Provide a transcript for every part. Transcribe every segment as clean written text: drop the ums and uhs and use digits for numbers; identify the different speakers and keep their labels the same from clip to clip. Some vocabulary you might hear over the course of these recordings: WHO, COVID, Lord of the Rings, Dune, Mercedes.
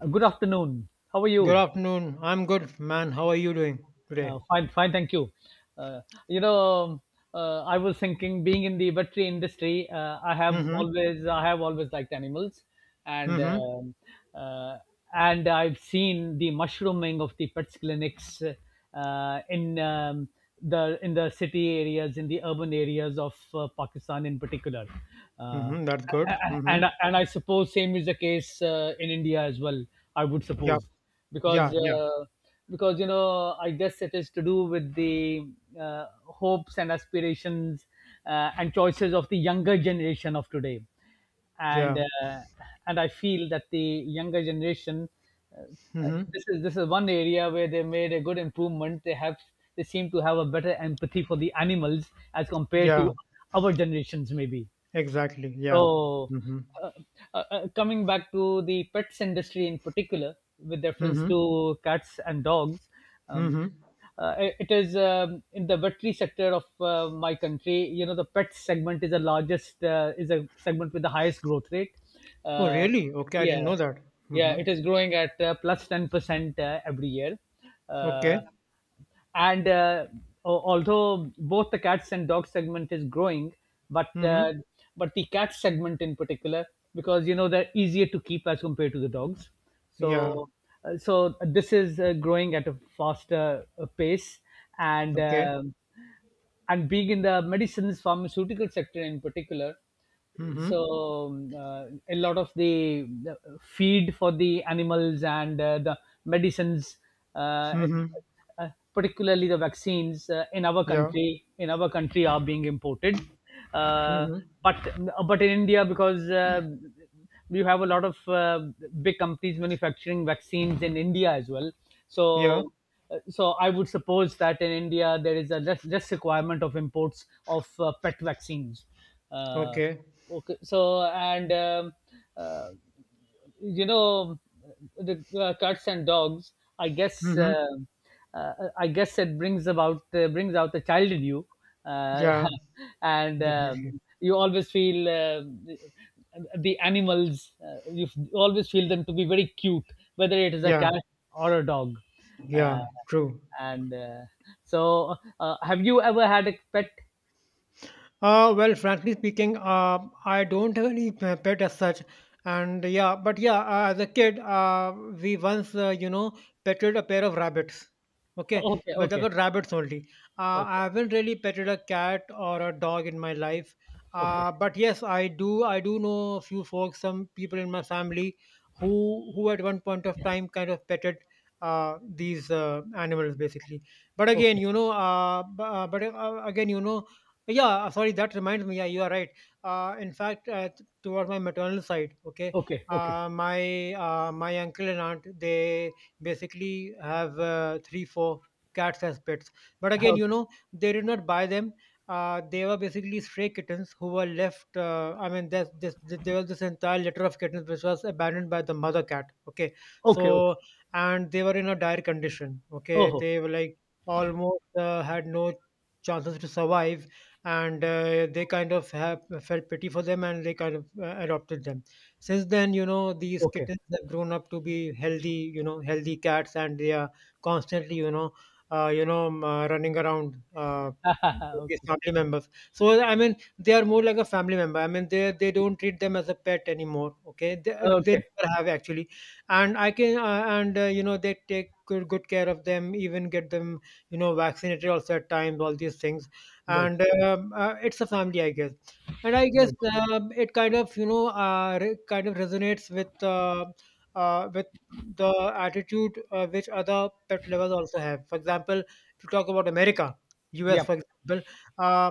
Speaker 1: Good afternoon. How are
Speaker 2: Good
Speaker 1: you?
Speaker 2: afternoon. I'm good, man. How are you doing today?
Speaker 1: Fine, fine. Thank you. Uh, you know, I was thinking, being in the veterinary industry,
Speaker 2: Mm-hmm.
Speaker 1: I have always liked animals, and
Speaker 2: Mm-hmm.
Speaker 1: um, uh, and I've seen the mushrooming of the pets clinics in the in the city areas, in the urban areas of Pakistan, in particular. Uh, a-
Speaker 2: Mm-hmm. That's
Speaker 1: a-
Speaker 2: good. Mm-hmm.
Speaker 1: and and I suppose same is the case in India as well. I would
Speaker 2: Yeah.
Speaker 1: suppose
Speaker 2: Yeah.
Speaker 1: because.
Speaker 2: Yeah.
Speaker 1: Because I guess it is to do with the hopes and aspirations and choices of the younger generation of today, and
Speaker 2: Yeah.
Speaker 1: uh, and I feel that the younger generation, uh,
Speaker 2: Mm-hmm.
Speaker 1: this is one area where they made a good improvement. They seem to have a better empathy for the animals as compared
Speaker 2: Yeah.
Speaker 1: to our generations, maybe.
Speaker 2: Exactly. Yeah.
Speaker 1: so,
Speaker 2: Mm-hmm.
Speaker 1: uh, uh, uh, coming back to the pets industry in particular, with reference
Speaker 2: Mm-hmm.
Speaker 1: to cats and dogs, um,
Speaker 2: Mm-hmm.
Speaker 1: it is, in the veterinary sector of my country. You know, the pet segment is the largest, is a segment with the highest growth rate.
Speaker 2: Oh,
Speaker 1: Uh,
Speaker 2: really? Okay. I
Speaker 1: yeah,
Speaker 2: didn't know that.
Speaker 1: yeah,
Speaker 2: Mm-hmm.
Speaker 1: it is growing at plus 10% every year. Uh,
Speaker 2: Okay.
Speaker 1: and uh, Although both the cats and dogs segment is growing, but
Speaker 2: Mm-hmm.
Speaker 1: uh, but the cat segment in particular, because they're easier to keep as compared to the dogs,
Speaker 2: Yeah.
Speaker 1: so so this is growing at a faster pace. and
Speaker 2: Okay.
Speaker 1: um and being in the medicines pharmaceutical sector in particular,
Speaker 2: Mm-hmm.
Speaker 1: a lot of the feed for the animals and the medicines, uh,
Speaker 2: Mm-hmm.
Speaker 1: uh, particularly the vaccines, in our
Speaker 2: Yeah.
Speaker 1: country in our country are being imported. uh,
Speaker 2: Mm-hmm.
Speaker 1: but but in India, because you have a lot of big companies manufacturing vaccines in India as well.
Speaker 2: Yeah.
Speaker 1: So, so I would suppose that in India there is a less requirement of imports of pet vaccines. Uh,
Speaker 2: Okay.
Speaker 1: okay, so, and uh, you know the cats and dogs, i guess uh,
Speaker 2: Mm-hmm.
Speaker 1: I guess it brings out the child in you. Uh,
Speaker 2: Yeah.
Speaker 1: and
Speaker 2: Definitely.
Speaker 1: um, you always feel the animals, always feel them to be very cute, whether it is a
Speaker 2: Yeah.
Speaker 1: cat or a dog. Uh,
Speaker 2: Yeah. True.
Speaker 1: and so have you ever had a pet?
Speaker 2: Well, frankly speaking, I don't have any pet as such, and yeah, but yeah, as a kid, we once petted a pair of rabbits. Okay,
Speaker 1: Okay,
Speaker 2: but they
Speaker 1: okay,
Speaker 2: were rabbits only. I
Speaker 1: okay,
Speaker 2: haven't really petted a cat or a dog in my life.
Speaker 1: okay,
Speaker 2: But yes, I do. I do know a few folks, some people in my family, who at one point of time kind of petted these animals, basically. But again,
Speaker 1: okay,
Speaker 2: you know, b- but again, yeah, sorry, that reminds me. Yeah, you are right. In fact, towards my maternal side, okay,
Speaker 1: okay, okay,
Speaker 2: my uncle and aunt they basically have three, four cats as pets. But
Speaker 1: okay,
Speaker 2: again, you
Speaker 1: okay,
Speaker 2: know, they did not buy them. They were basically stray kittens who were left. I mean, there was this entire litter of kittens which was abandoned by the mother cat. Okay,
Speaker 1: okay.
Speaker 2: so and they were in a dire condition. Okay,
Speaker 1: Oh,
Speaker 2: they were like almost had no chances to survive, and they kind of have felt pity for them and they kind of adopted them. Since then, you know, these
Speaker 1: okay.
Speaker 2: kittens have grown up to be healthy, you know, healthy cats, and they are constantly, you know, running around with
Speaker 1: Okay.
Speaker 2: family members. So I mean they are more like a family member. I mean they don't treat them as a pet anymore, okay, they
Speaker 1: Okay.
Speaker 2: never have actually. And I can and you know, they take good care of them, even get them, you know, vaccinated also at times, all these things.
Speaker 1: Good.
Speaker 2: And it's a family, I guess, and I guess
Speaker 1: Good.
Speaker 2: it kind of, you know, kind of resonates with the attitude which other pet lovers also have. For example, to talk about America, US
Speaker 1: Yep.
Speaker 2: for example, uh,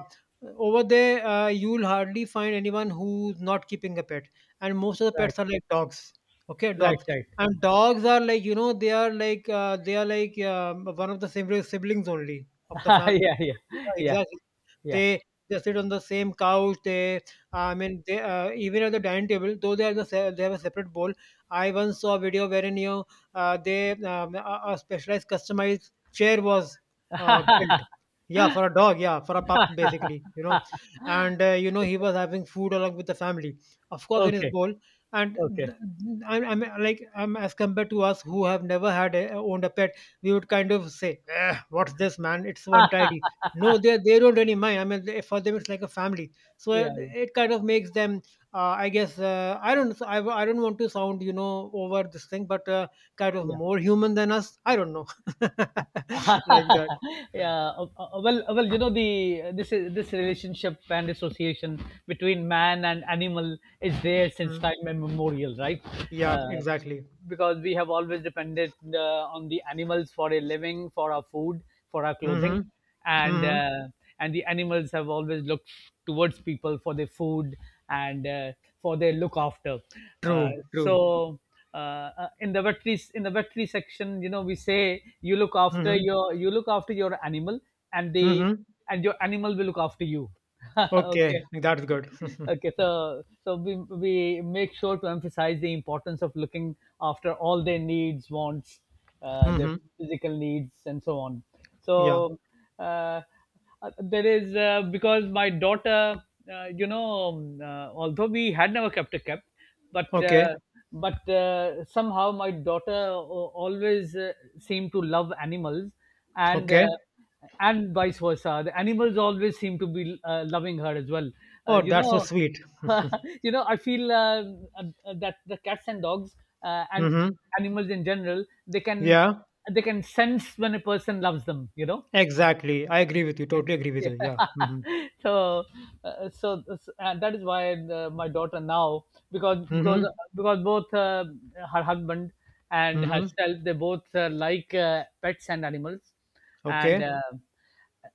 Speaker 2: over there, you'll hardly find anyone who's not keeping a pet, and most of the
Speaker 1: Right.
Speaker 2: pets are like dogs. Okay,
Speaker 1: Right.
Speaker 2: dogs.
Speaker 1: Right.
Speaker 2: And dogs are like, you know, they are like one of the siblings only of the family.
Speaker 1: Yeah. Yeah.
Speaker 2: Yeah,
Speaker 1: Yeah.
Speaker 2: exactly.
Speaker 1: Yeah.
Speaker 2: They sit on the same couch. They, I mean, they even at the dining table, though they are the they have a separate bowl. I once saw a video wherein, you know, they a specialized customized chair was built. Yeah, for a dog. Yeah, for a pup, basically. You know, and you know, he was having food along with the family, of course, in his
Speaker 1: Okay.
Speaker 2: bowl. And
Speaker 1: Okay.
Speaker 2: th- I'm like, I'm as compared to us who have never had owned a pet, we would kind of say, "Eh, what's this, man? It's untidy." No, they don't really mind. I mean, they, for them it's like a family, so
Speaker 1: Yeah. Yeah.
Speaker 2: it kind of makes them. I guess I don't. So, I don't want to sound, you know, over this thing, but kind of
Speaker 1: Yeah.
Speaker 2: more human than us. I don't know, like that.
Speaker 1: Yeah. Well, you know, the this relationship and association between man and animal is there since
Speaker 2: Mm.
Speaker 1: time immemorial, right?
Speaker 2: Yeah,
Speaker 1: Uh,
Speaker 2: exactly.
Speaker 1: because we have always depended on the animals for a living, for our food, for our clothing.
Speaker 2: Hmm.
Speaker 1: and
Speaker 2: Hmm.
Speaker 1: uh, and the animals have always looked towards people for their food, and for their look after. Uh,
Speaker 2: True. True.
Speaker 1: so uh, in the veterinary section, you know, we say you look after
Speaker 2: Hmm.
Speaker 1: your animal, and they
Speaker 2: Hmm.
Speaker 1: and your animal will look after you. Okay,
Speaker 2: Okay, that's good.
Speaker 1: okay. So we make sure to emphasize the importance of looking after all their needs, wants, their
Speaker 2: Hmm.
Speaker 1: physical needs, and so on.
Speaker 2: Yeah.
Speaker 1: So uh, uh, there is, because my daughter, although we had never kept a cat, but uh,
Speaker 2: Okay.
Speaker 1: but somehow my daughter always seemed to love animals, and
Speaker 2: Okay.
Speaker 1: uh, and vice versa, the animals always seem to be loving her as well. uh,
Speaker 2: Oh,
Speaker 1: you
Speaker 2: that's so
Speaker 1: know
Speaker 2: sweet.
Speaker 1: I feel that the cats and dogs, and
Speaker 2: Hmm.
Speaker 1: animals in general, they can
Speaker 2: Yeah.
Speaker 1: they can sense when a person loves them.
Speaker 2: Exactly. I agree with you.
Speaker 1: Yeah,
Speaker 2: Totally agree with you. Yeah. Mhm.
Speaker 1: yeah. so, so, and that is why my daughter now, because because
Speaker 2: Mhm.
Speaker 1: because both, her husband and
Speaker 2: Mhm.
Speaker 1: herself, they both like pets and animals, and
Speaker 2: Okay.
Speaker 1: uh,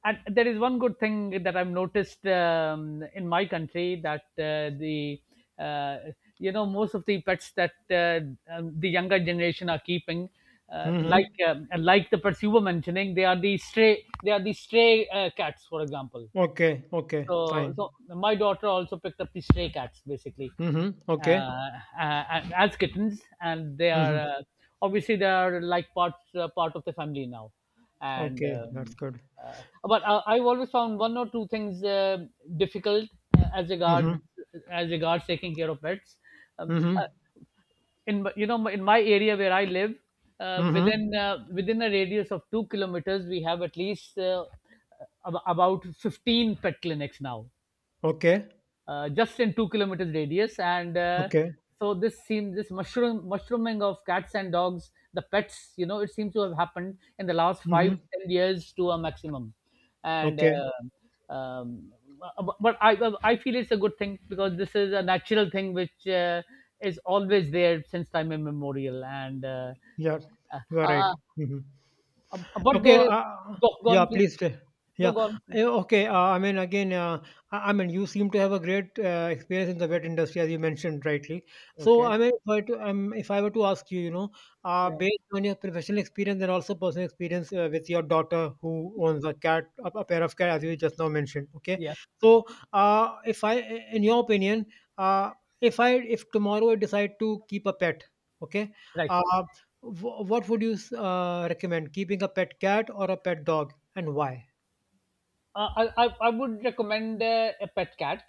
Speaker 1: and there is one good thing that I've noticed, in my country, that the uh, most of the pets that the younger generation are keeping.
Speaker 2: Mhm.
Speaker 1: Like the pets you were mentioning, they are the stray, cats, for example.
Speaker 2: Okay. Okay.
Speaker 1: So,
Speaker 2: Fine.
Speaker 1: my daughter also picked up the stray cats, basically,
Speaker 2: Mhm.
Speaker 1: uh,
Speaker 2: Okay.
Speaker 1: uh, as kittens, and they are,
Speaker 2: Mhm.
Speaker 1: obviously, they are like part of the family now. And
Speaker 2: Okay. That's good.
Speaker 1: but I, I've always found one or two things difficult, uh, as regards
Speaker 2: Mhm.
Speaker 1: as regards taking care of pets. Um, uh,
Speaker 2: Mhm.
Speaker 1: in my area where I live,
Speaker 2: Mhm.
Speaker 1: within a radius of 2 kilometers, we have at least, about 15 pet clinics now,
Speaker 2: Okay.
Speaker 1: just in 2 kilometers radius, and
Speaker 2: Okay.
Speaker 1: so this seems, this mushrooming of cats and dogs, the pets, it seems to have happened in the last five
Speaker 2: Mhm.
Speaker 1: ten years to a maximum. and
Speaker 2: Okay.
Speaker 1: uh, um, bu- but I, I feel it's a good thing, because this is a natural thing which is always there since time immemorial. And
Speaker 2: Yeah.
Speaker 1: uh,
Speaker 2: You are right.
Speaker 1: uh,
Speaker 2: Mhm.
Speaker 1: but
Speaker 2: Okay,
Speaker 1: there is—
Speaker 2: uh,
Speaker 1: go, go
Speaker 2: yeah,
Speaker 1: on, please.
Speaker 2: please.
Speaker 1: No,
Speaker 2: Yeah,
Speaker 1: go on.
Speaker 2: Okay. I mean, again, I mean, you seem to have a great experience in the vet industry, as you mentioned rightly. So,
Speaker 1: Okay.
Speaker 2: I mean, if I were to ask you, you know,
Speaker 1: Yeah,
Speaker 2: based on your professional experience and also personal experience with your daughter who owns a cat, a pair of cats, as you just now mentioned, okay.
Speaker 1: yeah,
Speaker 2: So, if I, in your opinion, uh, if tomorrow I decide to keep a pet, okay,
Speaker 1: right.
Speaker 2: uh, what would you recommend, keeping a pet cat or a pet dog, and why?
Speaker 1: I would recommend a pet cat,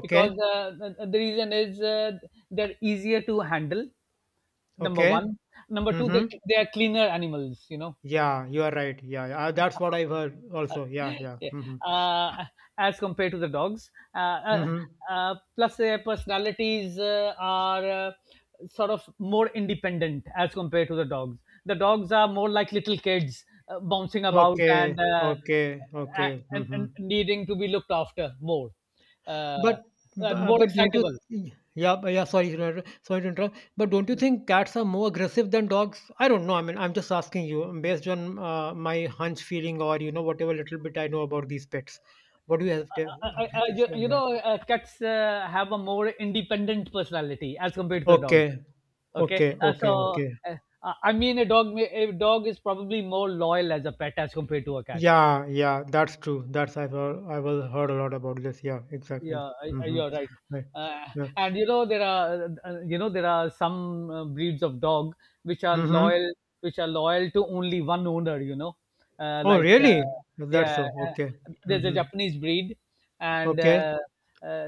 Speaker 1: because the reason is, they're easier to handle. Number
Speaker 2: Okay.
Speaker 1: one, number two, they
Speaker 2: Mm-hmm.
Speaker 1: they are cleaner animals. You know.
Speaker 2: Yeah, you are right. Yeah, yeah. That's what I've heard also. Yeah, yeah.
Speaker 1: Yeah.
Speaker 2: Mm-hmm.
Speaker 1: Uh, as compared to the dogs.
Speaker 2: Mm-hmm.
Speaker 1: Plus, their personalities are sort of more independent as compared to the dogs. The dogs are more like little kids, bouncing about,
Speaker 2: Okay,
Speaker 1: and, uh,
Speaker 2: okay, okay.
Speaker 1: and, and
Speaker 2: Mm-hmm.
Speaker 1: and needing to be looked after more,
Speaker 2: but
Speaker 1: uh,
Speaker 2: bu-
Speaker 1: more
Speaker 2: but don't you
Speaker 1: excitable.
Speaker 2: Yeah, but yeah, sorry to sorry to interrupt, but don't you think cats are more aggressive than dogs? I don't know, I mean, I'm just asking you based on my hunch feeling, or you know, whatever little bit I know about these pets. What do you have to
Speaker 1: I, you,
Speaker 2: say on
Speaker 1: you
Speaker 2: that?
Speaker 1: know, Cats have a more independent personality as compared to the dogs.
Speaker 2: Okay,
Speaker 1: Okay,
Speaker 2: okay.
Speaker 1: uh, I mean, a dog is probably more loyal as a pet as compared to a cat.
Speaker 2: Yeah, yeah, that's true. That's, I've heard, I was heard a lot about this. Yeah, exactly.
Speaker 1: Yeah,
Speaker 2: Mm-hmm.
Speaker 1: you're right.
Speaker 2: Right.
Speaker 1: uh,
Speaker 2: Yeah.
Speaker 1: and you know there are some breeds of dog which are
Speaker 2: Mm-hmm.
Speaker 1: loyal which are loyal to only one owner. uh,
Speaker 2: Oh,
Speaker 1: like uh,
Speaker 2: really? That's
Speaker 1: yeah,
Speaker 2: so. Okay.
Speaker 1: there's a
Speaker 2: Mm-hmm.
Speaker 1: Japanese breed, and
Speaker 2: Okay.
Speaker 1: uh,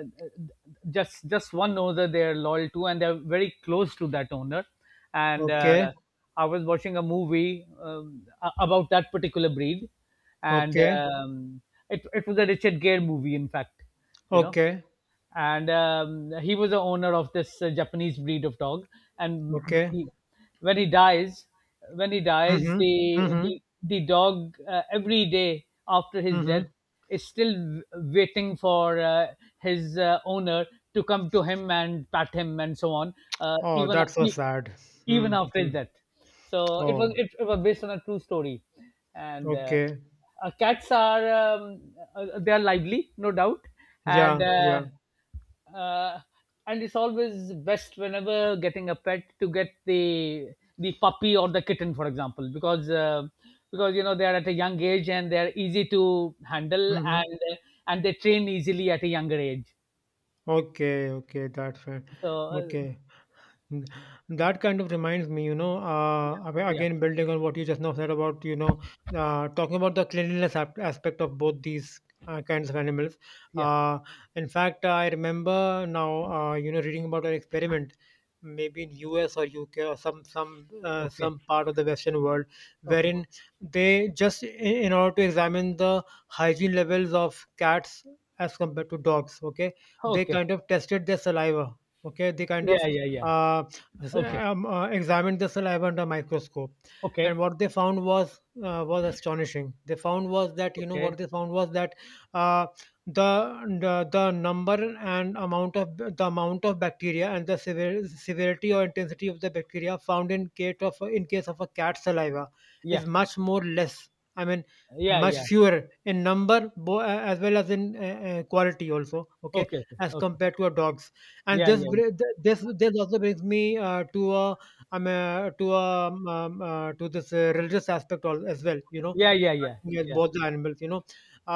Speaker 1: just one owner they're loyal to, and they're very close to that owner, and
Speaker 2: Okay.
Speaker 1: I was watching a movie, about that particular breed, and
Speaker 2: Okay.
Speaker 1: um, it was a Richard Gere movie, in fact. You know
Speaker 2: Okay.
Speaker 1: and He was the owner of this Japanese breed of dog. And
Speaker 2: Okay.
Speaker 1: he, when he dies,
Speaker 2: Mm-hmm.
Speaker 1: the
Speaker 2: Mm-hmm.
Speaker 1: the the dog, every day after his death,
Speaker 2: Mm-hmm.
Speaker 1: is still waiting for his owner to come to him and pat him and so on. Uh,
Speaker 2: Oh,
Speaker 1: even
Speaker 2: that's so
Speaker 1: e-
Speaker 2: sad.
Speaker 1: even
Speaker 2: Mm-hmm.
Speaker 1: after that. So it was
Speaker 2: Oh,
Speaker 1: it, it was based on a true story. And
Speaker 2: okay.
Speaker 1: cats are They are lively, no doubt,
Speaker 2: Yeah,
Speaker 1: and
Speaker 2: yeah.
Speaker 1: uh, and it's always best, whenever getting a pet, to get the puppy or the kitten, for example, because they are at a young age and they are easy to handle,
Speaker 2: Mm-hmm.
Speaker 1: and they train easily at a younger age.
Speaker 2: Okay, okay, that's fine.
Speaker 1: So,
Speaker 2: Okay. Mm. That kind of reminds me, you know,
Speaker 1: yeah,
Speaker 2: again building on what you just now said about, you know, talking about the cleanliness aspect of both these kinds of animals.
Speaker 1: yeah,
Speaker 2: Uh, in fact, I remember now, you know, reading about an experiment, maybe in US or UK or
Speaker 1: okay,
Speaker 2: some part of the Western world,
Speaker 1: okay,
Speaker 2: wherein they just in order to examine the hygiene levels of cats as compared to dogs. Okay, they
Speaker 1: okay.
Speaker 2: kind of tested their saliva. Okay, they kind
Speaker 1: Yeah,
Speaker 2: of
Speaker 1: yeah, yeah.
Speaker 2: uh,
Speaker 1: Okay,
Speaker 2: examined the saliva under microscope, and
Speaker 1: okay,
Speaker 2: what they found was, was astonishing,
Speaker 1: okay.
Speaker 2: they found was that uh, the number and amount of the amount of bacteria, and the severity or intensity of the bacteria found in case of, in case of a cat saliva
Speaker 1: Yeah,
Speaker 2: is much more less, I mean,
Speaker 1: yeah,
Speaker 2: much
Speaker 1: yeah.
Speaker 2: fewer in number, as well as in quality also, okay,
Speaker 1: Okay, okay,
Speaker 2: as
Speaker 1: okay.
Speaker 2: compared to a dog's. And
Speaker 1: Yeah,
Speaker 2: this
Speaker 1: yeah,
Speaker 2: this this also brings me to a to a to this religious aspect as well, you know,
Speaker 1: yeah, yeah, yeah,
Speaker 2: with both the animals, you know.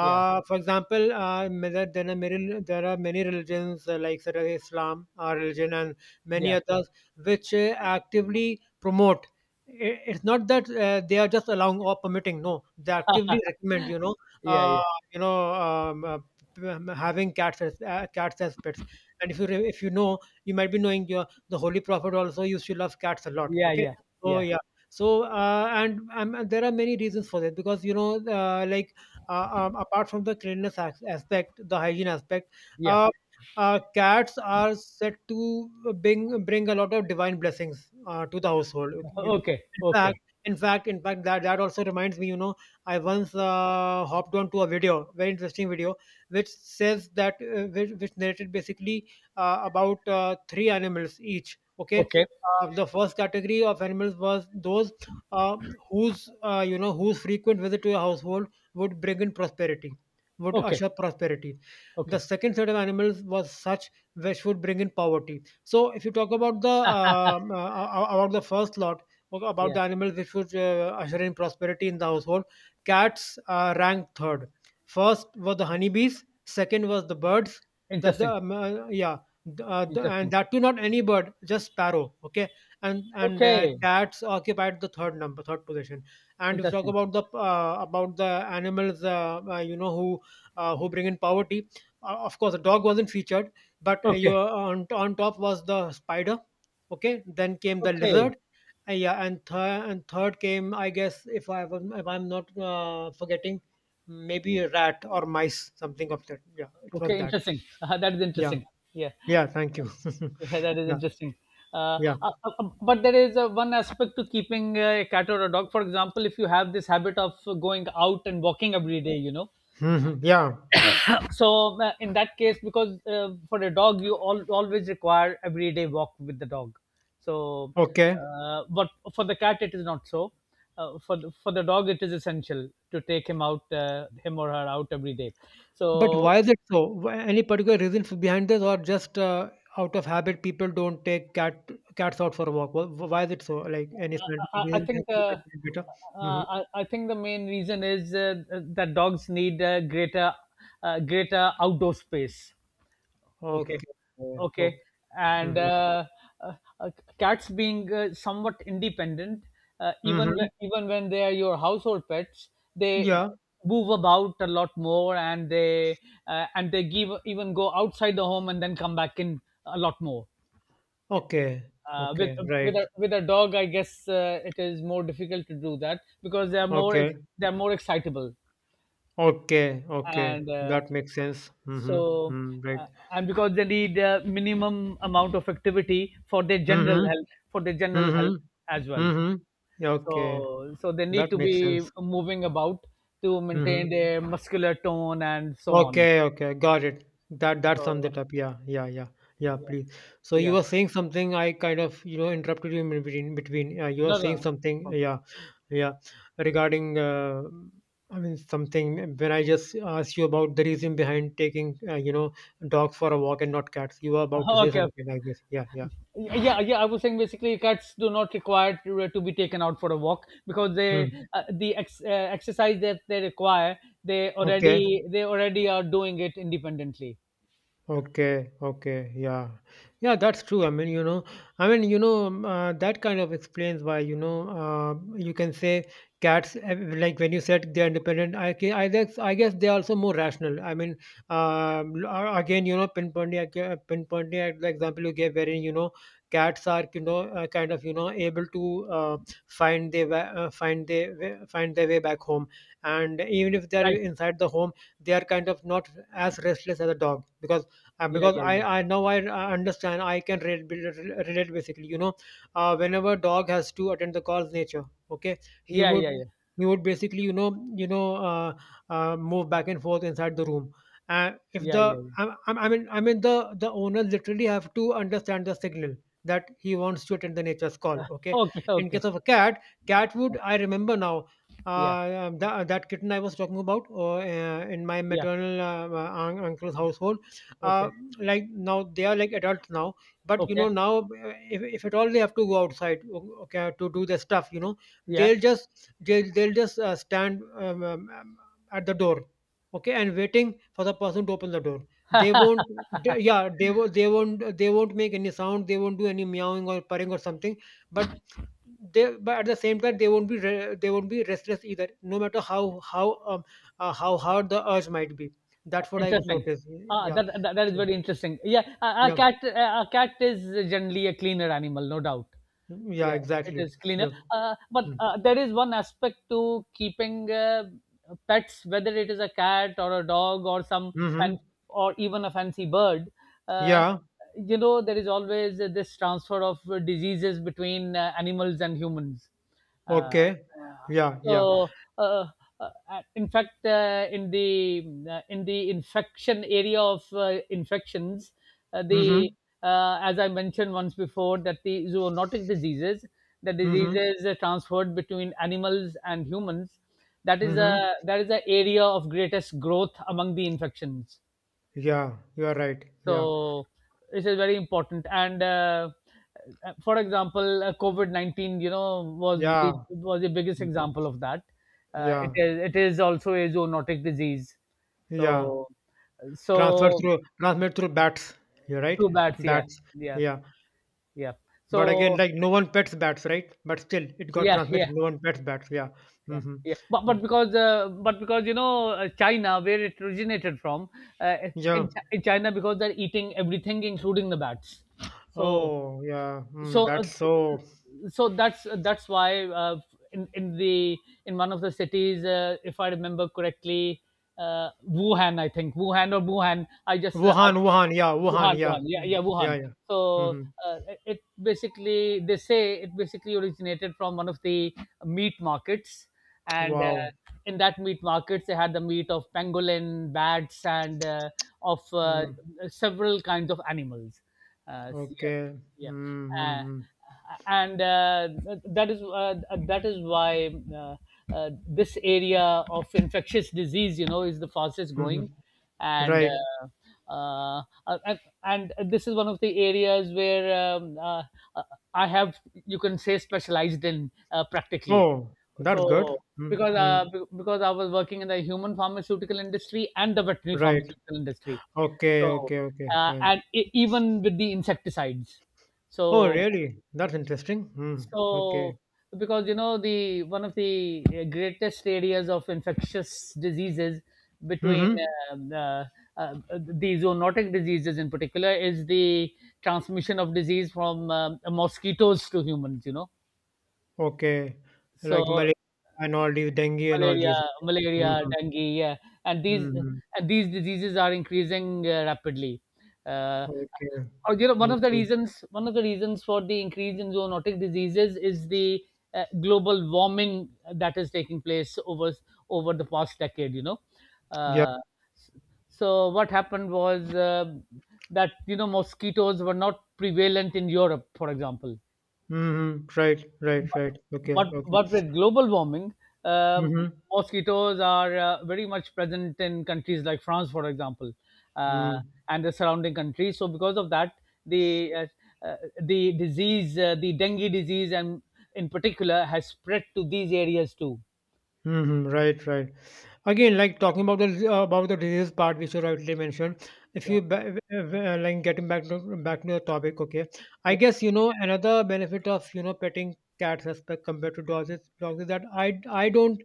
Speaker 1: yeah,
Speaker 2: For example, there there are many, there are many religions like sort of Islam, religion and many
Speaker 1: yeah,
Speaker 2: others, which actively promote, it's not that they are just allowing or permitting, no, they actively recommend, you know,
Speaker 1: yeah, yeah,
Speaker 2: uh,
Speaker 1: yeah,
Speaker 2: you know um, uh, having cats as pets. And if you if you know, you might be knowing, your the Holy Prophet also used to love cats a lot.
Speaker 1: yeah,
Speaker 2: Okay,
Speaker 1: yeah,
Speaker 2: so
Speaker 1: yeah,
Speaker 2: yeah. So and there are many reasons for that, because, you know, apart from the cleanliness aspect, the hygiene aspect,
Speaker 1: yeah.
Speaker 2: uh, cats are said to bring a lot of divine blessings to the household. Okay? You-
Speaker 1: Okay,
Speaker 2: in fact,
Speaker 1: okay,
Speaker 2: in fact, that also reminds me. You know, I once hopped onto a video, very interesting video, which says that which narrated basically about three animals each. Okay,
Speaker 1: okay,
Speaker 2: the first category of animals was those uh, whose, you know, whose frequent visit to your household would bring in prosperity, would
Speaker 1: okay,
Speaker 2: usher prosperity. The
Speaker 1: okay.
Speaker 2: second set of animals was such which would bring in poverty. So if you talk about the first lot about
Speaker 1: Yeah,
Speaker 2: the animals which would usher in prosperity in the household, cats ranked third. First were the honeybees. Second was the birds. That
Speaker 1: interesting,
Speaker 2: the Yeah, and
Speaker 1: interesting.
Speaker 2: that too, not any bird, just sparrow, okay. And
Speaker 1: Okay,
Speaker 2: Cats occupied the third position. And if you talk
Speaker 1: interesting.
Speaker 2: about the animals, you know, who bring in poverty, of course the dog wasn't featured, but you,
Speaker 1: Okay,
Speaker 2: on top was the spider, okay, then came the
Speaker 1: okay,
Speaker 2: lizard, yeah, and and third came, I guess, if I'm not forgetting, maybe a rat or mice, something of that, yeah, it was
Speaker 1: okay,
Speaker 2: that.
Speaker 1: interesting. That is
Speaker 2: Yeah.
Speaker 1: interesting. Yeah.
Speaker 2: Yeah, thank you.
Speaker 1: Yeah, that is
Speaker 2: Yeah,
Speaker 1: interesting.
Speaker 2: yeah.
Speaker 1: But there is one aspect to keeping a cat or a dog. For example, if you have this habit of going out and walking every day.
Speaker 2: Mhm. Yeah.
Speaker 1: So, in that case, because for a dog, always require everyday walk with the dog. So,
Speaker 2: Okay.
Speaker 1: but for the cat, it is not so. For the dog, it is essential to take him out, him or her out every day.
Speaker 2: But
Speaker 1: So
Speaker 2: why is it so? Wh- any particular reasons behind this, or just out of habit, people don't take cats out for a walk? Wh- why is it so? Like any scientific
Speaker 1: I, I
Speaker 2: reason? Maybe
Speaker 1: think
Speaker 2: you might
Speaker 1: the
Speaker 2: be better.
Speaker 1: uh,
Speaker 2: hmm
Speaker 1: I think the main reason is, that dogs need greater outdoor space. Okay,
Speaker 2: Okay.
Speaker 1: okay,
Speaker 2: Okay.
Speaker 1: and
Speaker 2: hmm
Speaker 1: uh, uh, uh, cats being somewhat independent, uh, even when,
Speaker 2: hmm
Speaker 1: even when they are your household pets, they
Speaker 2: Yeah.
Speaker 1: move about a lot more, and they give even go outside the home and then come back in a lot more
Speaker 2: Okay.
Speaker 1: uh, with
Speaker 2: Okay.
Speaker 1: with
Speaker 2: Right.
Speaker 1: a with a dog, I guess, it is more difficult to do that because
Speaker 2: Okay.
Speaker 1: they are more excitable
Speaker 2: Okay. Okay.
Speaker 1: and uh,
Speaker 2: That makes sense. Mm-hmm.
Speaker 1: so
Speaker 2: Mm, right.
Speaker 1: and because they need a minimum amount of activity for their general
Speaker 2: Mm-hmm.
Speaker 1: health for their general
Speaker 2: Mm-hmm.
Speaker 1: health as well,
Speaker 2: Mm-hmm. Yeah, okay.
Speaker 1: so so they
Speaker 2: That
Speaker 1: need to
Speaker 2: makes sense.
Speaker 1: be moving about to maintain
Speaker 2: Mm-hmm.
Speaker 1: their muscular tone and so on.
Speaker 2: Okay, okay, got it. That sums
Speaker 1: so
Speaker 2: it up. Yeah, yeah, yeah, yeah. Please. So you
Speaker 1: yeah.
Speaker 2: were saying something. I kind of interrupted you in between. You were
Speaker 1: No, no,
Speaker 2: saying something.
Speaker 1: no.
Speaker 2: Yeah, yeah. Regarding, uh, I mean, something when I just asked you about the reason behind taking dogs for a walk and not cats. You were about to say
Speaker 1: okay
Speaker 2: something,
Speaker 1: okay
Speaker 2: like this. Yeah, yeah.
Speaker 1: Yeah, I was saying basically cats do not require to be taken out for a walk because
Speaker 2: Hmm.
Speaker 1: the exercise that they require,
Speaker 2: Okay.
Speaker 1: they already are doing it independently.
Speaker 2: Okay, okay, yeah. Yeah, that's true. I mean, you know, I mean, you know, that kind of explains why, you can say cats, like when you said they're independent, I guess, they're also more rational. I mean, again, you know, pinpointing at the example you gave wherein, you know, cats are, you know, kind of, you know, able to find their, find their, find their way back home. And even if they're
Speaker 1: Right.
Speaker 2: inside the home, they are kind of not as restless as a dog
Speaker 1: yeah
Speaker 2: because
Speaker 1: yeah yeah
Speaker 2: I now I understand I can relate basically. You know, whenever dog has to attend the call's nature, okay, he
Speaker 1: yeah
Speaker 2: would
Speaker 1: yeah yeah
Speaker 2: basically you know uh, move back and forth inside the room. If
Speaker 1: yeah
Speaker 2: the
Speaker 1: yeah, Yeah.
Speaker 2: I mean the owners literally have to understand the signal that he wants to attend the nature's call.
Speaker 1: Uh,
Speaker 2: Okay,
Speaker 1: okay,
Speaker 2: in
Speaker 1: okay,
Speaker 2: case of a cat, cat would I remember now
Speaker 1: yeah,
Speaker 2: that, kitten I was talking about in my
Speaker 1: yeah,
Speaker 2: maternal uncle's household,
Speaker 1: okay,
Speaker 2: uh, like now they are like adults now but you
Speaker 1: okay,
Speaker 2: know now if at all they have to go outside okay to do their stuff you know
Speaker 1: yeah.
Speaker 2: they'll just they'll just stand at the door okay and waiting for the person to open the door they won't they won't make any sound they won't do any meowing or purring or something but they but at the same time they won't be they won't be restless either no matter how how hard the urge might be that's what I've
Speaker 1: Interesting.
Speaker 2: noticed
Speaker 1: Ah,
Speaker 2: yeah
Speaker 1: that is
Speaker 2: so
Speaker 1: very interesting. Yeah, a
Speaker 2: yeah,
Speaker 1: cat is generally a cleaner animal, no doubt.
Speaker 2: Mm, yeah,
Speaker 1: Yeah, it
Speaker 2: exactly.
Speaker 1: is cleaner.
Speaker 2: Yeah.
Speaker 1: But there is one aspect to keeping pets, whether it is a cat or a dog or some
Speaker 2: Mm-hmm.
Speaker 1: fan or even a fancy bird. Uh,
Speaker 2: Yeah.
Speaker 1: you know, there is always this transfer of diseases between animals and humans. Uh,
Speaker 2: Okay.
Speaker 1: uh,
Speaker 2: Yeah. Yeah.
Speaker 1: so, uh, in fact, in the infection area of infections, the
Speaker 2: Mm-hmm.
Speaker 1: as I mentioned once before, that the zoonotic diseases, the
Speaker 2: Mm-hmm.
Speaker 1: diseases transferred between animals and humans, that is
Speaker 2: Mm-hmm.
Speaker 1: a that is the area of greatest growth among the infections,
Speaker 2: Yeah. You are right. Yeah.
Speaker 1: so this is very important. And For example, COVID 19, you know, was
Speaker 2: Yeah.
Speaker 1: the biggest
Speaker 2: Mm.
Speaker 1: example of that. It
Speaker 2: Yeah.
Speaker 1: is also a zoonotic disease.
Speaker 2: Yeah.
Speaker 1: So,
Speaker 2: Transfer
Speaker 1: so
Speaker 2: through transmit through bats. You're right.
Speaker 1: through bats, yeah,
Speaker 2: Bats.
Speaker 1: yeah,
Speaker 2: Yeah.
Speaker 1: yeah.
Speaker 2: But again,
Speaker 1: So
Speaker 2: like no one pets bats, right? But still, it got
Speaker 1: yeah,
Speaker 2: transmitted.
Speaker 1: yeah.
Speaker 2: No one pets bats. Yeah.
Speaker 1: Yeah,
Speaker 2: Mm-hmm.
Speaker 1: yeah, but
Speaker 2: So,
Speaker 1: but because uh, but because you know, China, where it originated from, uh,
Speaker 2: yeah.
Speaker 1: in China, because they're eating everything, including the bats. So
Speaker 2: Oh, yeah. Mm,
Speaker 1: so uh,
Speaker 2: that's so
Speaker 1: so that's why, in in the in one of the cities, if I remember correctly, wuhan I think wuhan or wuhan I just I,
Speaker 2: Wuhan, Wuhan. Yeah. Wuhan.
Speaker 1: wuhan
Speaker 2: Yeah.
Speaker 1: wuhan yeah
Speaker 2: Mm.
Speaker 1: yeah
Speaker 2: Yeah.
Speaker 1: Wuhan.
Speaker 2: Yeah.
Speaker 1: so
Speaker 2: Mm-hmm.
Speaker 1: uh, it basically, they say, it basically originated from one of the meat markets, and
Speaker 2: Wow.
Speaker 1: in that meat markets they had the meat of pangolin, bats, and of
Speaker 2: Mm,
Speaker 1: several kinds of animals. uh, s- yeah,
Speaker 2: okay.
Speaker 1: yeah. uh,
Speaker 2: Mm-hmm.
Speaker 1: and that is That is why, this area of infectious disease, you know, is the fastest growing, and
Speaker 2: Right.
Speaker 1: uh, uh, uh, and this is one of the areas where um, uh, I have, you can say, specialized in, practically.
Speaker 2: Oh, that's good.
Speaker 1: So, because,
Speaker 2: Mm-hmm.
Speaker 1: because I was working in the human pharmaceutical industry and the veterinary
Speaker 2: Right.
Speaker 1: pharmaceutical industry,
Speaker 2: Okay.
Speaker 1: so,
Speaker 2: Okay. Okay. Fine.
Speaker 1: and e even with the insecticides.
Speaker 2: Oh,
Speaker 1: So,
Speaker 2: really? That's interesting. Mm, okay.
Speaker 1: so because, you know, the one of the greatest areas of infectious diseases between,
Speaker 2: Mm-hmm.
Speaker 1: um, uh, the zoonotic diseases in particular, is the transmission of disease from, mosquitoes to humans, you know.
Speaker 2: Okay. Like
Speaker 1: So,
Speaker 2: malaria and all these dengue and all
Speaker 1: malaria,
Speaker 2: these. Mm-hmm.
Speaker 1: dengue, yeah, and these
Speaker 2: Mm-hmm.
Speaker 1: and these diseases are increasing rapidly. Uh,
Speaker 2: Okay.
Speaker 1: or You know,
Speaker 2: Okay.
Speaker 1: one of the reasons for the increase in zoonotic diseases is the global warming that is taking place over the past decade. You know,
Speaker 2: Yeah.
Speaker 1: uh, so what happened was, that, you know, mosquitoes were not prevalent in Europe, for example,
Speaker 2: Mm-hmm. Right. Right. Right. Okay. Okay.
Speaker 1: but with global warming, um,
Speaker 2: Mm-hmm.
Speaker 1: mosquitoes are very much present in countries like France, for example, uh,
Speaker 2: Mm.
Speaker 1: and the surrounding countries. So because of that, the uh, the dengue disease, and in particular, has spread to these areas too.
Speaker 2: Mhm, right, right. Again, like talking about the disease part, which you rightly mentioned. If
Speaker 1: Yeah.
Speaker 2: you like getting back to the topic, okay. I
Speaker 1: Yeah.
Speaker 2: guess you know another benefit of you know petting cats as compared to dogs is, that I don't.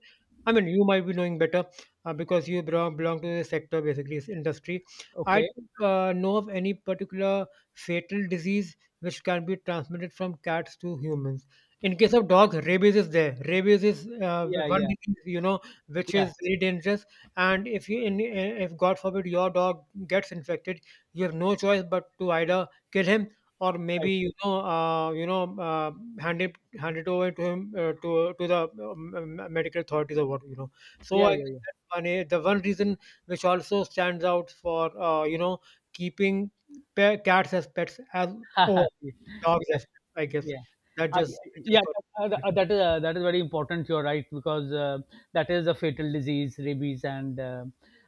Speaker 2: I mean, you might be knowing better because you belong, to the sector, basically, this industry. I
Speaker 1: Okay.
Speaker 2: don't know of any particular fatal disease which can be transmitted from cats to humans in case of dog rabies is there rabies is
Speaker 1: Yeah.
Speaker 2: one
Speaker 1: Yeah.
Speaker 2: disease you know which
Speaker 1: Yeah.
Speaker 2: is very dangerous and if you if god forbid your dog gets infected you have no choice but to either kill him or maybe
Speaker 1: Right.
Speaker 2: you know uh, hand it over to him to the medical authorities or what you know so I
Speaker 1: Yeah.
Speaker 2: think
Speaker 1: Yeah.
Speaker 2: that's one eh, the one reason which also stands out for you know keeping cats as pets as
Speaker 1: Yeah.
Speaker 2: over dogs
Speaker 1: yeah.
Speaker 2: as pets, I guess
Speaker 1: Yeah.
Speaker 2: that
Speaker 1: I
Speaker 2: just I
Speaker 1: Yeah,
Speaker 2: just got
Speaker 1: that is very important. You're right, because, that is a fatal disease, rabies, and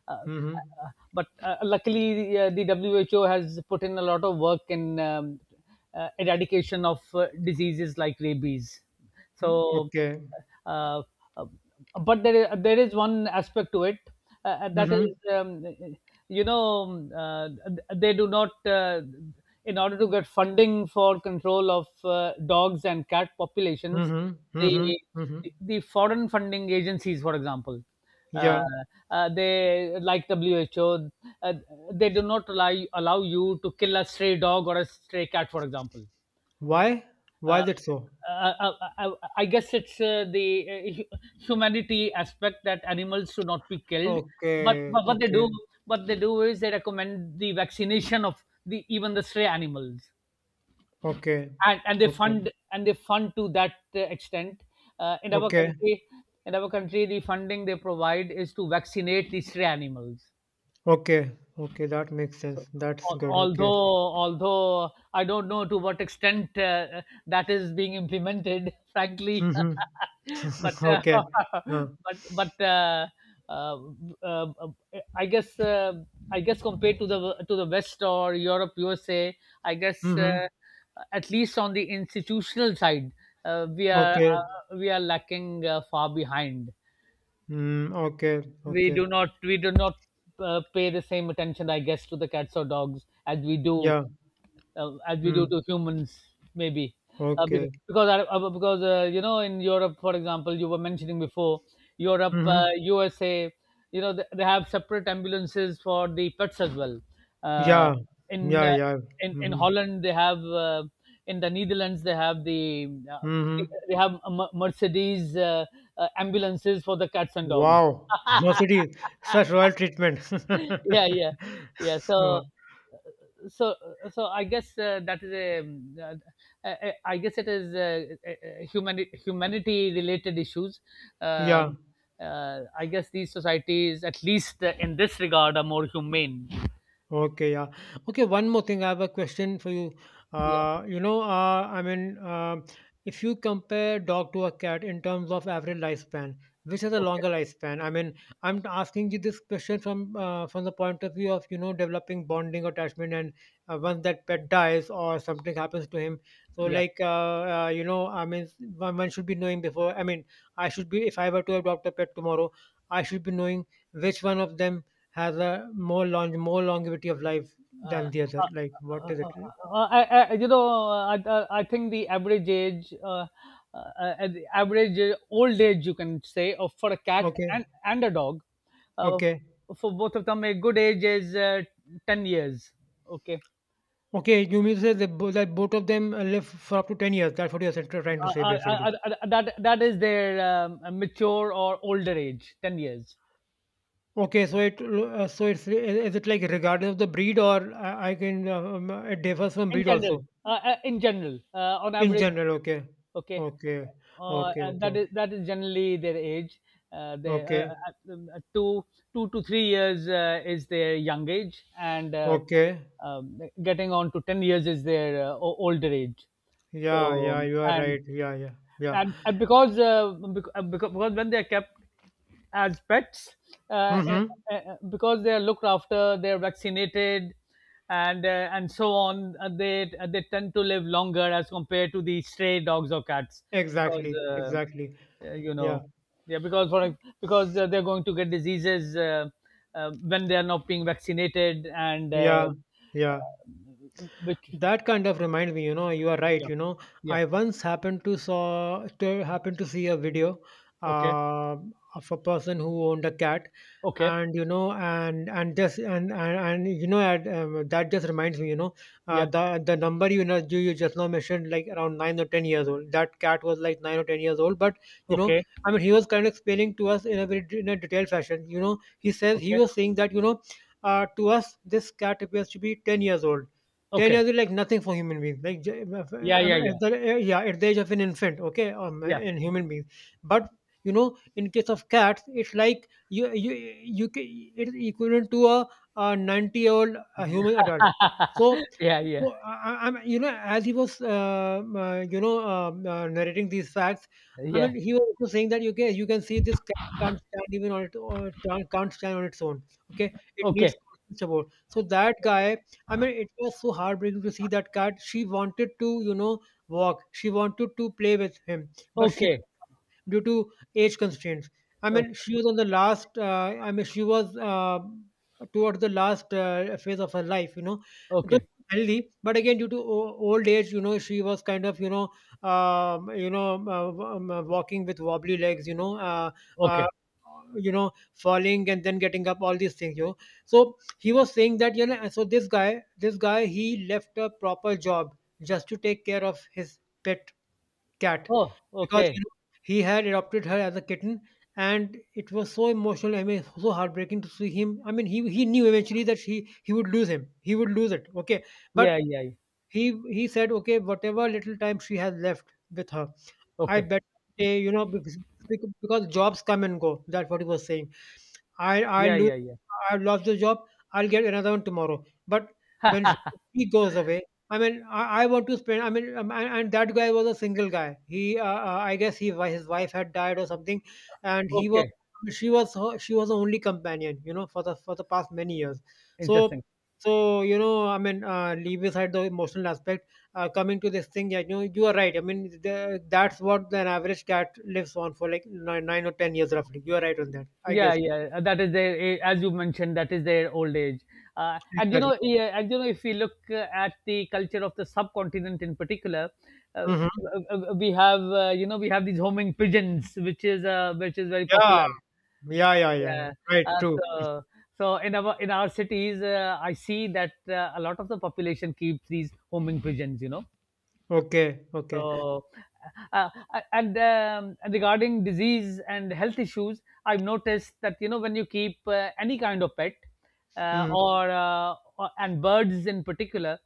Speaker 1: uh,
Speaker 2: Mhm.
Speaker 1: uh, but luckily, the WHO has put in a lot of work in, eradication of diseases like rabies.
Speaker 2: Mm,
Speaker 1: So,
Speaker 2: okay.
Speaker 1: uh, uh, but there is one aspect to it, that
Speaker 2: Mhm.
Speaker 1: is, you know, they do not, in order to get funding for control of dogs and cat populations,
Speaker 2: Mhm. Mhm.
Speaker 1: the
Speaker 2: Mhm.
Speaker 1: foreign funding agencies, for example, uh,
Speaker 2: Yeah.
Speaker 1: they, like WHO, uh, they do not allow you to kill a stray dog or a stray cat, for example.
Speaker 2: Why? Why
Speaker 1: uh,
Speaker 2: is it so?
Speaker 1: uh, I, I guess it's the, humanity aspect, that animals should not be killed.
Speaker 2: Okay.
Speaker 1: But what they do,
Speaker 2: Okay.
Speaker 1: what they do, is they recommend the vaccination of the even the stray animals,
Speaker 2: Okay.
Speaker 1: and
Speaker 2: Okay.
Speaker 1: and they fund to that extent. Uh, in our
Speaker 2: Okay.
Speaker 1: country, in our country, the funding they provide is to vaccinate the stray animals.
Speaker 2: Okay. Okay. That makes
Speaker 1: So,
Speaker 2: sense. That's good. Okay.
Speaker 1: although I don't know to what extent that is being implemented, frankly,
Speaker 2: Mhm.
Speaker 1: but
Speaker 2: Okay. Uh,
Speaker 1: but uh, uh, I guess, compared to the West or Europe, USA, I guess,
Speaker 2: mhm.
Speaker 1: at least on the institutional side,
Speaker 2: Okay.
Speaker 1: we are lacking far behind.
Speaker 2: Mm, okay. Okay.
Speaker 1: We do not pay the same attention, I guess, to the cats or dogs as we do,
Speaker 2: Yeah. Mm,
Speaker 1: to humans, maybe.
Speaker 2: okay.
Speaker 1: Because, I, because You know, in Europe, for example, you were mentioning before, Europe,
Speaker 2: Mhm.
Speaker 1: USA, you know, they have separate ambulances for the pets as well. Uh,
Speaker 2: Yeah.
Speaker 1: in,
Speaker 2: Yeah.
Speaker 1: uh,
Speaker 2: Yeah.
Speaker 1: in
Speaker 2: Mhm.
Speaker 1: Holland, they have, in the Netherlands, they have the, uh,
Speaker 2: Mhm.
Speaker 1: they have Mercedes ambulances for the cats and dogs.
Speaker 2: Wow, no such royal treatment.
Speaker 1: yeah, yeah, yeah.
Speaker 2: Wow.
Speaker 1: So, so I guess that is a, I guess it is, humanity, related issues,
Speaker 2: Yeah,
Speaker 1: um, I guess these societies, at least in this regard, are more humane.
Speaker 2: okay, yeah. Okay, one more thing. I have a question for you.
Speaker 1: Yeah,
Speaker 2: Uh, you know, uh, I mean, if you compare dog to a cat in terms of average lifespan, which has a
Speaker 1: okay,
Speaker 2: longer lifespan? I mean, I'm asking you this question from the point of view of you know developing bonding attachment, and once that pet dies or something happens to him, so
Speaker 1: yeah.
Speaker 2: like you know, I mean, one should be knowing before. I mean, I should be if I were to adopt a pet tomorrow, I should be knowing which one of them has a more long more longevity of life
Speaker 1: uh,
Speaker 2: than the other
Speaker 1: uh,
Speaker 2: like what
Speaker 1: uh,
Speaker 2: is
Speaker 1: uh,
Speaker 2: it
Speaker 1: uh, I, you know, I, I think the average age, the average old age, you can say, of for a cat
Speaker 2: okay
Speaker 1: and a dog, uh,
Speaker 2: okay
Speaker 1: for both of them, a good age is 10 years. Okay,
Speaker 2: okay you mean to say that, that both of them live for up to 10 years that's what you're trying to say basically
Speaker 1: that is their, mature or older age, 10 years
Speaker 2: okay so it so it's is it like regardless of the breed or I can it differs from
Speaker 1: in
Speaker 2: breed
Speaker 1: general.
Speaker 2: also
Speaker 1: In general, on
Speaker 2: in
Speaker 1: average,
Speaker 2: general okay
Speaker 1: okay.
Speaker 2: okay okay okay
Speaker 1: And that is
Speaker 2: okay
Speaker 1: That is generally their age. They
Speaker 2: okay
Speaker 1: two 2 to 3 years is their young age, and
Speaker 2: okay
Speaker 1: getting on to 10 years is their older age.
Speaker 2: yeah yeah
Speaker 1: So,
Speaker 2: you are right yeah yeah yeah
Speaker 1: and, because, because when they are kept as pets, uh, eh,
Speaker 2: mm-hmm
Speaker 1: because they are looked after, they are vaccinated, and so on, they tend to live longer as compared to the stray dogs or cats, because,
Speaker 2: exactly exactly
Speaker 1: you
Speaker 2: yeah
Speaker 1: know, yeah, because they're, going to get diseases when they are not being vaccinated, and
Speaker 2: yeah yeah
Speaker 1: which...
Speaker 2: That kind of reminds me, you know, you are right.
Speaker 1: Yeah,
Speaker 2: You know,
Speaker 1: yeah,
Speaker 2: I once happened to saw to happened to see a video
Speaker 1: okay,
Speaker 2: uh, of a person who owned a cat,
Speaker 1: okay,
Speaker 2: and you know, and just and you know, that just reminds me, you know,
Speaker 1: yeah,
Speaker 2: the number you know you just now mentioned, like around 9 or 10 years old. That cat was like 9 or 10 years old, but you know,
Speaker 1: okay,
Speaker 2: I mean, he was kind of explaining to us in a very in a detailed fashion. You know, he says he
Speaker 1: okay,
Speaker 2: was saying that you know, to us this cat appears to be 10 years old 10
Speaker 1: okay.
Speaker 2: years is like nothing for human beings. Like, at
Speaker 1: Yeah, yeah, yeah,
Speaker 2: the, yeah, at the age of an infant, okay,
Speaker 1: yeah,
Speaker 2: in human beings. But you know, in case of cats, it's like you ca- it's equivalent to a, 90-year-old a human adult. So,
Speaker 1: yeah, yeah,
Speaker 2: so I'm you know, as he was you know narrating these facts, I
Speaker 1: yeah.
Speaker 2: mean, he was also saying that you can see this cat can't stand even on it or can't stand on its own. Okay, it needs
Speaker 1: Okay,
Speaker 2: constant support. So that guy I mean, it was so heartbreaking to see that cat. She wanted to, you know, walk. She wanted to play with him, but she
Speaker 1: okay,
Speaker 2: due to age constraints. I mean,
Speaker 1: okay,
Speaker 2: she was on the last. I mean, she was towards the last phase of her life. You know, though
Speaker 1: okay,
Speaker 2: healthy, but again due to old age, you know, she was kind of you know, walking with wobbly legs. Uh,
Speaker 1: okay.
Speaker 2: you know, falling and then getting up. All these things. You know, so he was saying that you know. So this guy, he left a proper job just to take care of his pet cat
Speaker 1: Oh,
Speaker 2: because
Speaker 1: okay.
Speaker 2: you know he had adopted her as a kitten and it was so emotional I mean so heartbreaking to see him I mean he knew eventually that he would lose him he would lose it okay but
Speaker 1: Yeah, yeah, yeah.
Speaker 2: he said okay whatever little time she has left with her I
Speaker 1: Okay.
Speaker 2: better stay you know because jobs come and go that's what he was saying I
Speaker 1: Yeah,
Speaker 2: lose
Speaker 1: yeah, yeah.
Speaker 2: I lost the job. I'll get another one tomorrow. But when sh- she goes away, I mean, I want to spend. I mean, and, that guy was a single guy. He, I guess, he his wife had died or something, and he was
Speaker 1: Okay.
Speaker 2: she was the only companion, you know, for the past many years. So,
Speaker 1: Interesting.
Speaker 2: so you know, I mean, leave aside the emotional aspect. Coming to this thing, yeah, you know, you are right. I mean, that's what an average cat lives on for like nine, 9 or 10 years roughly. You are right on that, I
Speaker 1: Yeah,
Speaker 2: guess.
Speaker 1: yeah. That is their, a- as you mentioned, that is their old age. And you
Speaker 2: Exactly.
Speaker 1: know, yeah, and you know, if we look at the culture of the subcontinent in particular,
Speaker 2: Mhm.
Speaker 1: we have, you know, we have these homing pigeons, which is, very
Speaker 2: Yeah.
Speaker 1: popular.
Speaker 2: Yeah, yeah, yeah, yeah.
Speaker 1: Yeah.
Speaker 2: Right,
Speaker 1: Uh,
Speaker 2: true.
Speaker 1: so, so in our cities, I see that a lot of the population keeps these homing pigeons. You know,
Speaker 2: Okay, okay.
Speaker 1: so, and regarding disease and health issues, I've noticed that, you know, when you keep any kind of pet,
Speaker 2: Mhm.
Speaker 1: or and birds in particular,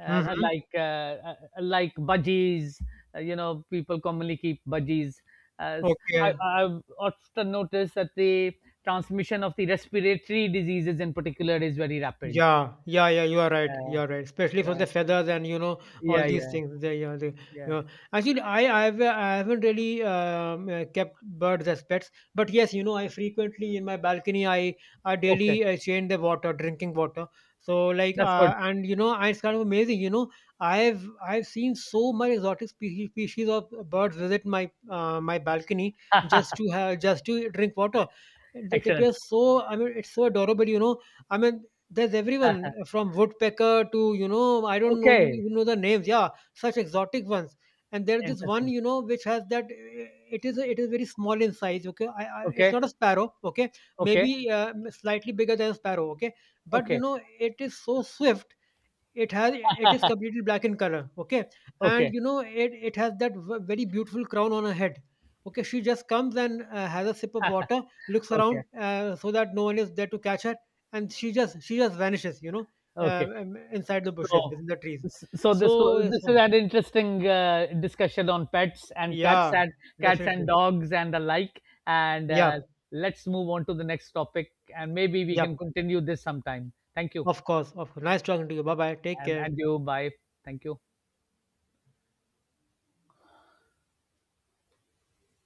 Speaker 1: uh,
Speaker 2: Mhm.
Speaker 1: like uh, uh, like budgies, you know, people commonly keep budgies. Uh, I,
Speaker 2: Okay.
Speaker 1: I've often noticed that the transmission of the respiratory diseases in particular is very rapid.
Speaker 2: Yeah, yeah, yeah, you are right.
Speaker 1: Yeah,
Speaker 2: You are right. Especially from
Speaker 1: yeah,
Speaker 2: the feathers and you know all
Speaker 1: yeah,
Speaker 2: these
Speaker 1: yeah,
Speaker 2: things. You
Speaker 1: yeah.
Speaker 2: know. Actually, I haven't really kept birds as pets, but yes, you know, I frequently in my balcony, I
Speaker 1: Okay,
Speaker 2: daily change the water, drinking water. So like,
Speaker 1: that's good.
Speaker 2: and you know, it's kind of amazing. You know, I've seen so much exotic species, species of birds visit my, my balcony just to have, just to drink water. It
Speaker 1: Excellent.
Speaker 2: appears so. I mean, it's so adorable. You know. I mean, there's everyone from woodpecker to you know I don't know you
Speaker 1: Okay,
Speaker 2: even know the names. Yeah, such exotic ones. And there's this one
Speaker 1: interesting.
Speaker 2: you know which has that it is very small in size. Okay, it's
Speaker 1: Okay,
Speaker 2: not a sparrow. Okay,
Speaker 1: okay,
Speaker 2: maybe slightly bigger than a sparrow. Okay, but you
Speaker 1: okay,
Speaker 2: know it is so swift it is completely black in color okay and
Speaker 1: okay,
Speaker 2: you know it has that very beautiful crown on her head okay she just comes and has a sip of water looks around
Speaker 1: okay,
Speaker 2: so that no one is there to catch her and she just vanishes you know
Speaker 1: okay.
Speaker 2: inside the bushes
Speaker 1: So,
Speaker 2: within the trees so it's-
Speaker 1: this is an interesting discussion on pets and cats
Speaker 2: yeah
Speaker 1: and
Speaker 2: definitely
Speaker 1: dogs and the like. And
Speaker 2: yeah
Speaker 1: let's move on to the next topic, and maybe we
Speaker 2: yeah
Speaker 1: can continue this sometime. Thank you,
Speaker 2: of course nice talking to you bye bye take care
Speaker 1: and you. Bye. Thank you.